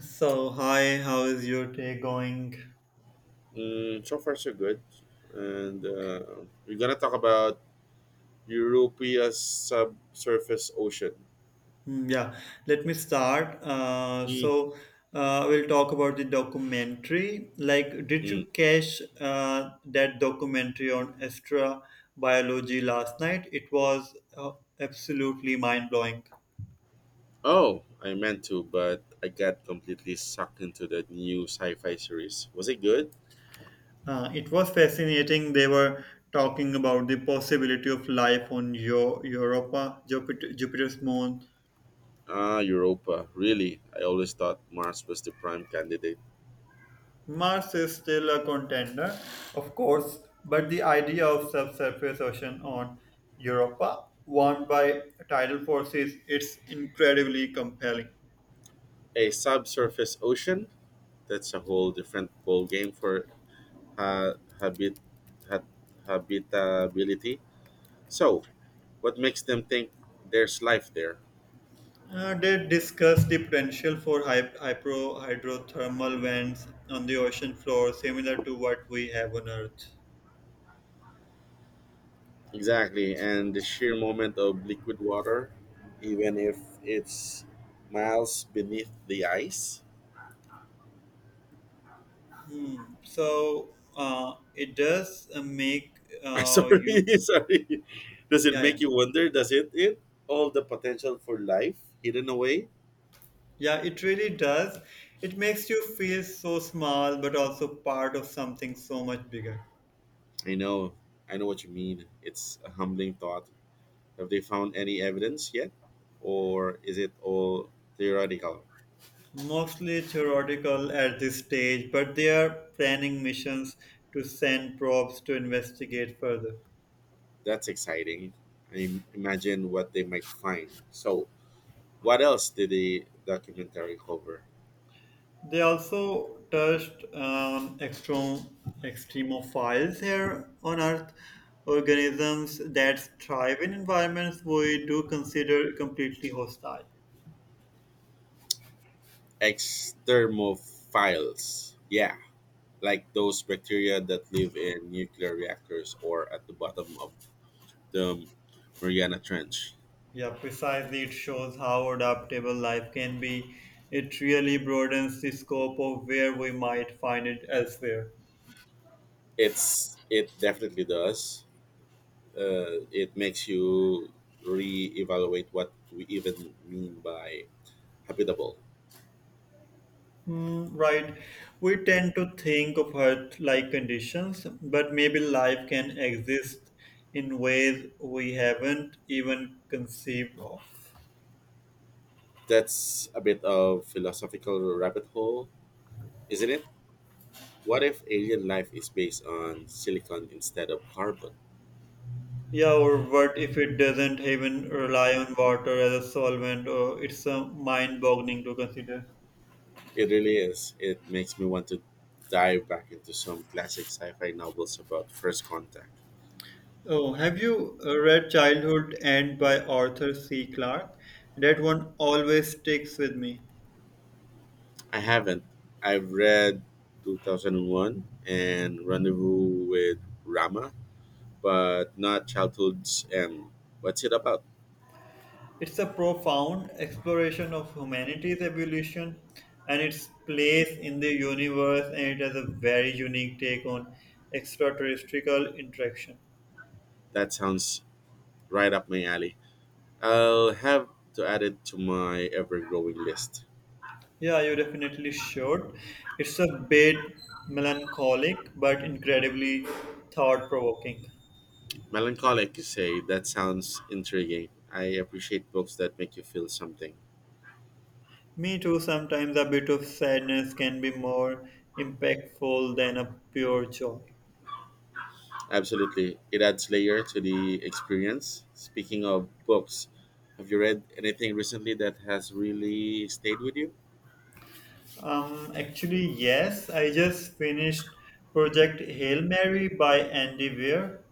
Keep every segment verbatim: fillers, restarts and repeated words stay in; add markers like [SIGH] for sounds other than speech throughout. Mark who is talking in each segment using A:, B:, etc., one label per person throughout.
A: So, hi, how is your day going?
B: Mm, so far, so good. And uh, we're gonna talk about Europea's subsurface ocean.
A: Hmm, Yeah, let me start. Uh,
B: Mm,
A: so, uh, we'll talk about the documentary. Like, did you
B: mm.
A: catch uh, that documentary on extra biology last night? It was uh, absolutely mind blowing.
B: Oh, I meant to, but I got completely sucked into that new sci-fi series. Was it good?
A: Uh, it was fascinating. They were talking about the possibility of life on Yo- Europa, Jupiter, Jupiter's moon.
B: Ah, Europa. Really? I always thought Mars was the prime candidate.
A: Mars is still a contender, of course, but the idea of subsurface ocean on Europa, warmed by tidal forces, it's incredibly compelling.
B: A subsurface ocean? That's a whole different ball game for ha- habit ha- habitability. So, what makes them think there's life there?
A: Uh, they discuss the potential for hy- hypro hydrothermal vents on the ocean floor, similar to what we have on Earth.
B: Exactly, and the sheer moment of liquid water, even if it's miles beneath the ice.
A: Hmm. So uh, it does uh, make
B: [LAUGHS]
A: uh,
B: Sorry,
A: you,
B: sorry. Does it
A: yeah, yeah.
B: make you wonder? Does it it all the potential for life hidden away?
A: Yeah, it really does. It makes you feel so small, but also part of something so much bigger.
B: I know, I know what you mean. It's a humbling thought. Have they found any evidence yet, or is it all theoretical?
A: Mostly theoretical at this stage, but they are planning missions to send probes to investigate further.
B: That's exciting. I im- imagine what they might find. So, what else did the documentary cover?
A: They also touched on extrem- extremophiles here on Earth, organisms that thrive in environments we do consider completely hostile.
B: Exthermophiles. Yeah, like those bacteria that live in nuclear reactors or at the bottom of the Mariana Trench.
A: Yeah, precisely. It shows how adaptable life can be. It really broadens the scope of where we might find it elsewhere.
B: It's it definitely does. Uh, it makes you re-evaluate what we even mean by habitable.
A: Hmm, right. We tend to think of Earth like conditions, but maybe life can exist in ways we haven't even conceived of.
B: That's a bit of philosophical rabbit hole, isn't it? What if alien life is based on silicon instead of carbon?
A: Yeah, or what if it doesn't even rely on water as a solvent? Or it's uh, mind-boggling to consider.
B: It really is. It makes me want to dive back into some classic sci-fi novels about first contact.
A: Oh, have you uh, read Childhood End by Arthur C. Clarke? That one always sticks with me.
B: I haven't. I've read two thousand one and Rendezvous with Rama, but not Childhood's End. What's it about?
A: It's a profound exploration of humanity's evolution and its place in the universe, and it has a very unique take on extraterrestrial interaction.
B: That sounds right up my alley. I'll have to add it to my ever-growing list.
A: Yeah, you definitely should. It's a bit melancholic but incredibly thought provoking.
B: Melancholic, you say? That sounds intriguing. I appreciate books that make you feel something.
A: Me too, sometimes a bit of sadness can be more impactful than a pure joy.
B: Absolutely. It adds layer to the experience. Speaking of books, have you read anything recently that has really stayed with you?
A: Um, actually, yes, I just finished Project Hail Mary by Andy Weir.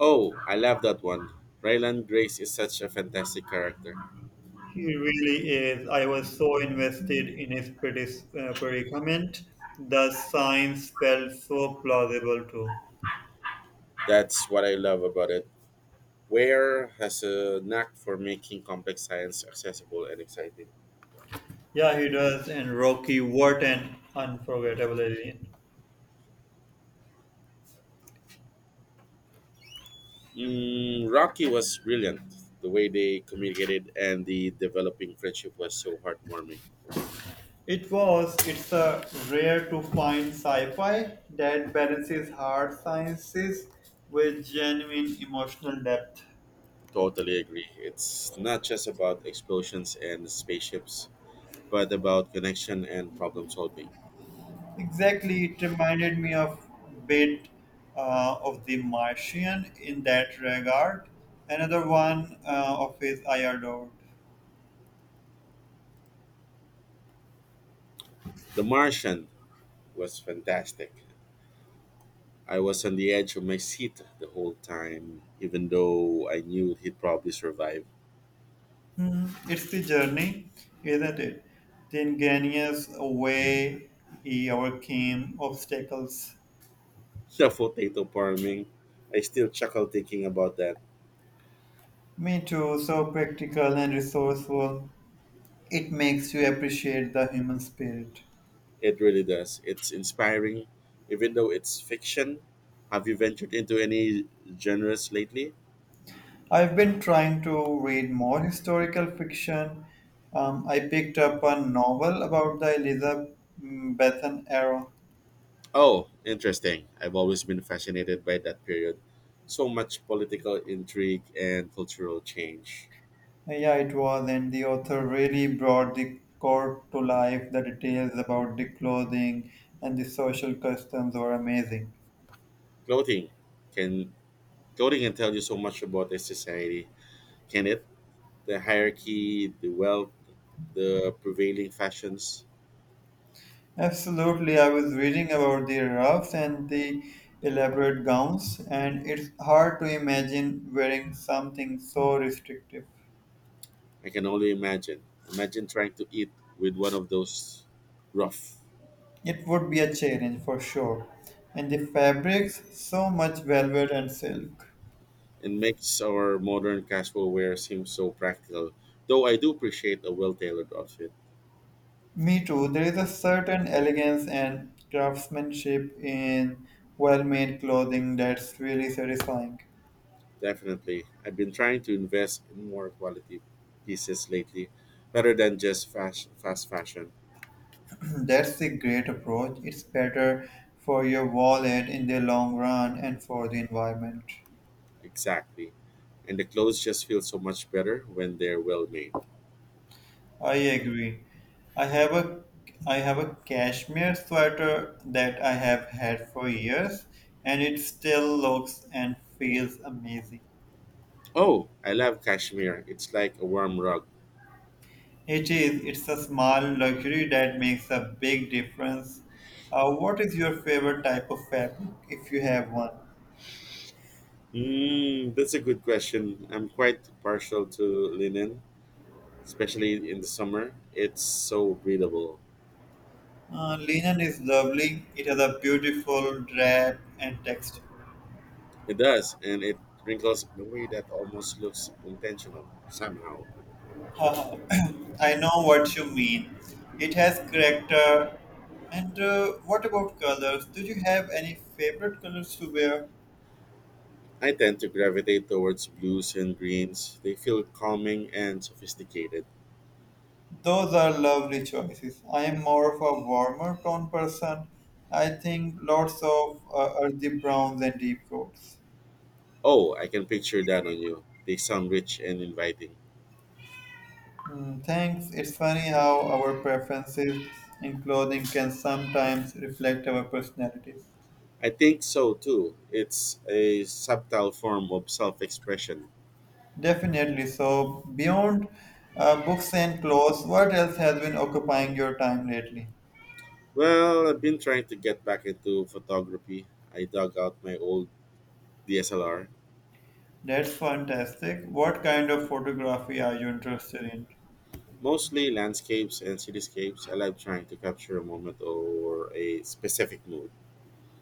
B: Oh, I love that one. Ryland Grace is such a fantastic character.
A: He really is. I was so invested in his predis- uh, predicament. The science felt so plausible too.
B: That's what I love about it. Ware has a knack for making complex science accessible and exciting.
A: Yeah, he does. And Rocky, what an unforgettable alien.
B: Mm, Rocky was brilliant. The way they communicated and the developing friendship was so heartwarming.
A: It was. It's a rare to find sci-fi that balances hard sciences with genuine emotional depth.
B: Totally agree. It's not just about explosions and spaceships, but about connection and problem solving.
A: Exactly, it reminded me of bit uh, of The Martian in that regard. Another one uh, of his I adored.
B: The Martian was fantastic. I was on the edge of my seat the whole time, even though I knew he'd probably survive.
A: It's the journey, isn't it? The ingenious way he overcame obstacles.
B: [LAUGHS] The potato farming, I still chuckle thinking about that.
A: Me too, so practical and resourceful. It makes you appreciate the human spirit.
B: It really does. It's inspiring, even though it's fiction. Have you ventured into any genres lately?
A: I've been trying to read more historical fiction. Um, I picked up a novel about the Elizabethan era.
B: Oh, interesting. I've always been fascinated by that period. So much political intrigue and cultural change.
A: Yeah, it was, and the author really brought the court to life. The details about the clothing and the social customs were amazing.
B: Clothing can Clothing can tell you so much about a society, can it? The hierarchy, the wealth, the prevailing fashions.
A: Absolutely, I was reading about the ruffs and the elaborate gowns, and it's hard to imagine wearing something so restrictive.
B: I can only imagine. Imagine trying to eat with one of those rough.
A: It would be a challenge for sure. And the fabrics, so much velvet and silk.
B: It makes our modern casual wear seem so practical. Though I do appreciate a well tailored outfit.
A: Me too, there is a certain elegance and craftsmanship in well made clothing that's really satisfying.
B: Definitely. I've been trying to invest in more quality pieces lately rather than just fast, fast fashion.
A: [CLEARS THROAT] That's a great approach. It's better for your wallet in the long run and for the environment.
B: Exactly. And the clothes just feel so much better when they're well made.
A: I agree. I have a I have a cashmere sweater that I have had for years and it still looks and feels amazing.
B: Oh, I love cashmere. It's like a warm rug.
A: It is it's a small luxury that makes a big difference. Uh, what is your favorite type of fabric if you have one?
B: Mm, that's a good question. I'm quite partial to linen, especially in the summer. It's so breathable.
A: Uh, linen is lovely. It has a beautiful drape and texture.
B: It does, and it wrinkles in a way that almost looks intentional somehow.
A: Uh, [CLEARS THROAT] I know what you mean. It has character. And uh, what about colors? Do you have any favorite colors to wear?
B: I tend to gravitate towards blues and greens. They feel calming and sophisticated.
A: Those are lovely choices. I am more of a warmer tone person. I think lots of uh, earthy browns and deep reds.
B: Oh, I can picture that on you. They sound rich and inviting.
A: Mm, thanks. It's funny how our preferences in clothing can sometimes reflect our personalities.
B: I think so too. It's a subtle form of self expression.
A: Definitely. So, beyond uh, books and clothes, what else has been occupying your time lately?
B: Well, I've been trying to get back into photography. I dug out my old D S L R,
A: That's fantastic. What kind of photography are you interested in?
B: mostly landscapes and cityscapes. I love trying to capture a moment or a specific mood.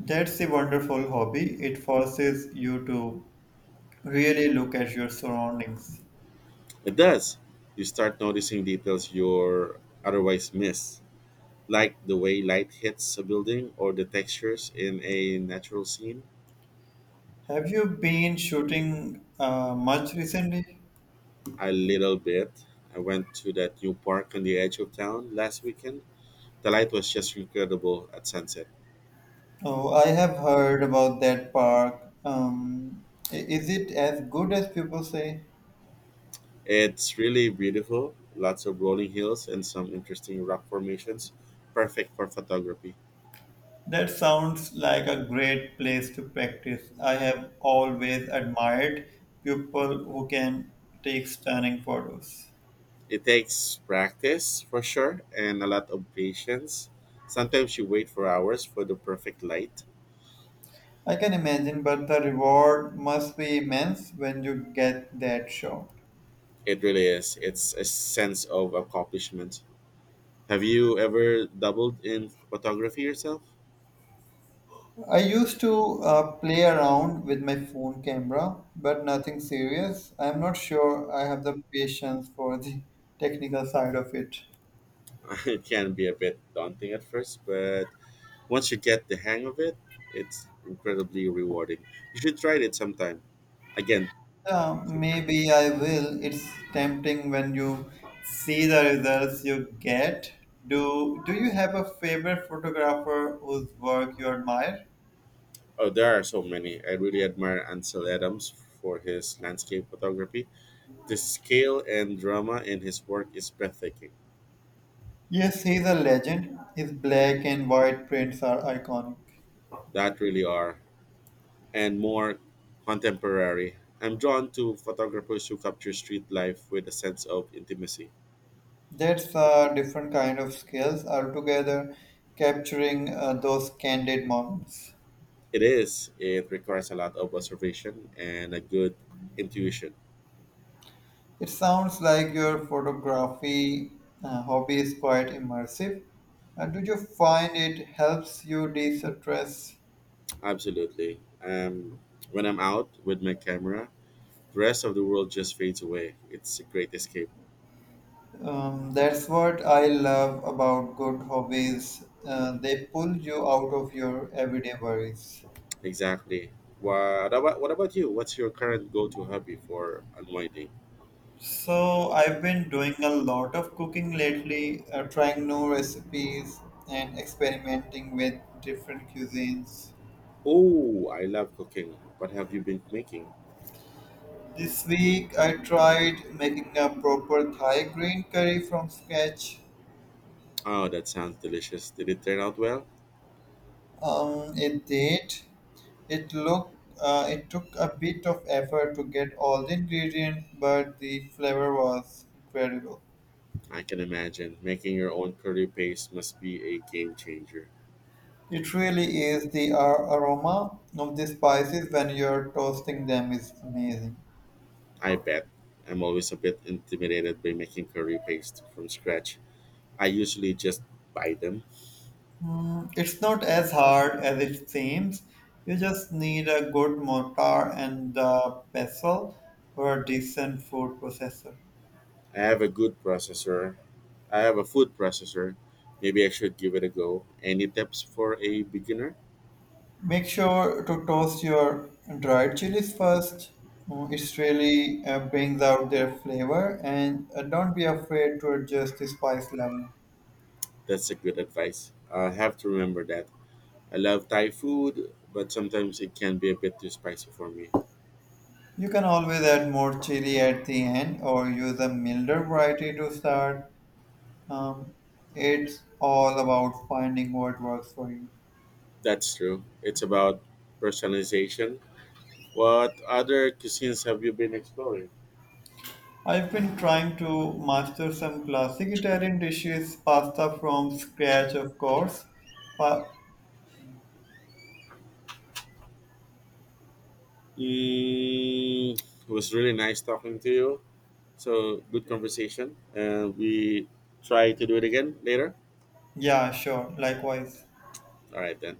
A: That's a wonderful hobby. It forces you to really look at your surroundings.
B: It does. You start noticing details you're otherwise miss, like the way light hits a building or the textures in a natural scene.
A: Have you been shooting uh, much recently?
B: A little bit. I went to that new park on the edge of town last weekend the light was just incredible at sunset.
A: Oh, I have heard about that park. Um, i- is it as good as people say?
B: It's really beautiful, lots of rolling hills and some interesting rock formations, perfect for photography.
A: That sounds like a great place to practice. I have always admired people who can take stunning photos.
B: It takes practice for sure and a lot of patience. Sometimes you wait for hours for the perfect light.
A: I can imagine, but the reward must be immense when you get that shot.
B: It really is. It's a sense of accomplishment. Have you ever doubled in photography yourself?
A: I used to uh, play around with my phone camera, but nothing serious. I'm not sure I have the patience for the technical side of it.
B: [LAUGHS] It can be a bit daunting at first, but once you get the hang of it, it's incredibly rewarding. You should try it sometime. Again,
A: Yeah,
B: sometime.
A: maybe I will. It's tempting when you see the results you get. Do Do you have a favorite photographer whose work you admire?
B: Oh, there are so many. I really admire Ansel Adams for his landscape photography. The scale and drama in his work is breathtaking.
A: Yes, he's a legend. His black and white prints are iconic.
B: That really are. And more contemporary. I'm drawn to photographers who capture street life with a sense of intimacy.
A: That's a different kind of skills altogether, capturing uh, those candid moments.
B: It is. It requires a lot of observation and a good intuition.
A: It sounds like your photography uh, hobby is quite immersive. Uh, do you find it helps you de-stress?
B: Absolutely. Um, when I'm out with my camera, the rest of the world just fades away. It's a great escape.
A: Um, that's what I love about good hobbies. Uh, they pull you out of your everyday worries.
B: Exactly. What about what about you? What's your current go-to hobby for unwinding?
A: So, I've been doing a lot of cooking lately, uh, trying new recipes and experimenting with different cuisines.
B: Oh, I love cooking. What have you been making?
A: This week, I tried making a proper Thai green curry from scratch.
B: Oh, that sounds delicious. Did it turn out well?
A: Um, it did. It looked. Uh, it took a bit of effort to get all the ingredients, but the flavor was incredible.
B: I can imagine. Making your own curry paste must be a game changer.
A: It really is the ar- aroma of the spices when you're toasting them is amazing.
B: I bet. I'm always a bit intimidated by making curry paste from scratch. I usually just buy them.
A: Um, It's not as hard as it seems. You just need a good mortar and a pestle or a decent food processor.
B: I have a good processor I have a food processor. Maybe I should give it a go. Any tips for a beginner?
A: Make sure to toast your dried chilies first. Mm, It's really uh, brings out their flavor, and uh, don't be afraid to adjust the spice level.
B: That's a good advice. I have to remember that. I love Thai food, but sometimes it can be a bit too spicy for me.
A: You can always add more chili at the end or use a milder variety to start. Um, it's all about finding what works for you.
B: That's true. It's about personalization. What other cuisines have you been exploring?
A: I've been trying to master some classic Italian dishes, pasta from scratch, of course. But
B: Mm, it was really nice talking to you. So good conversation. And we try to do it again later.
A: yeah, sure, likewise.
B: All right then.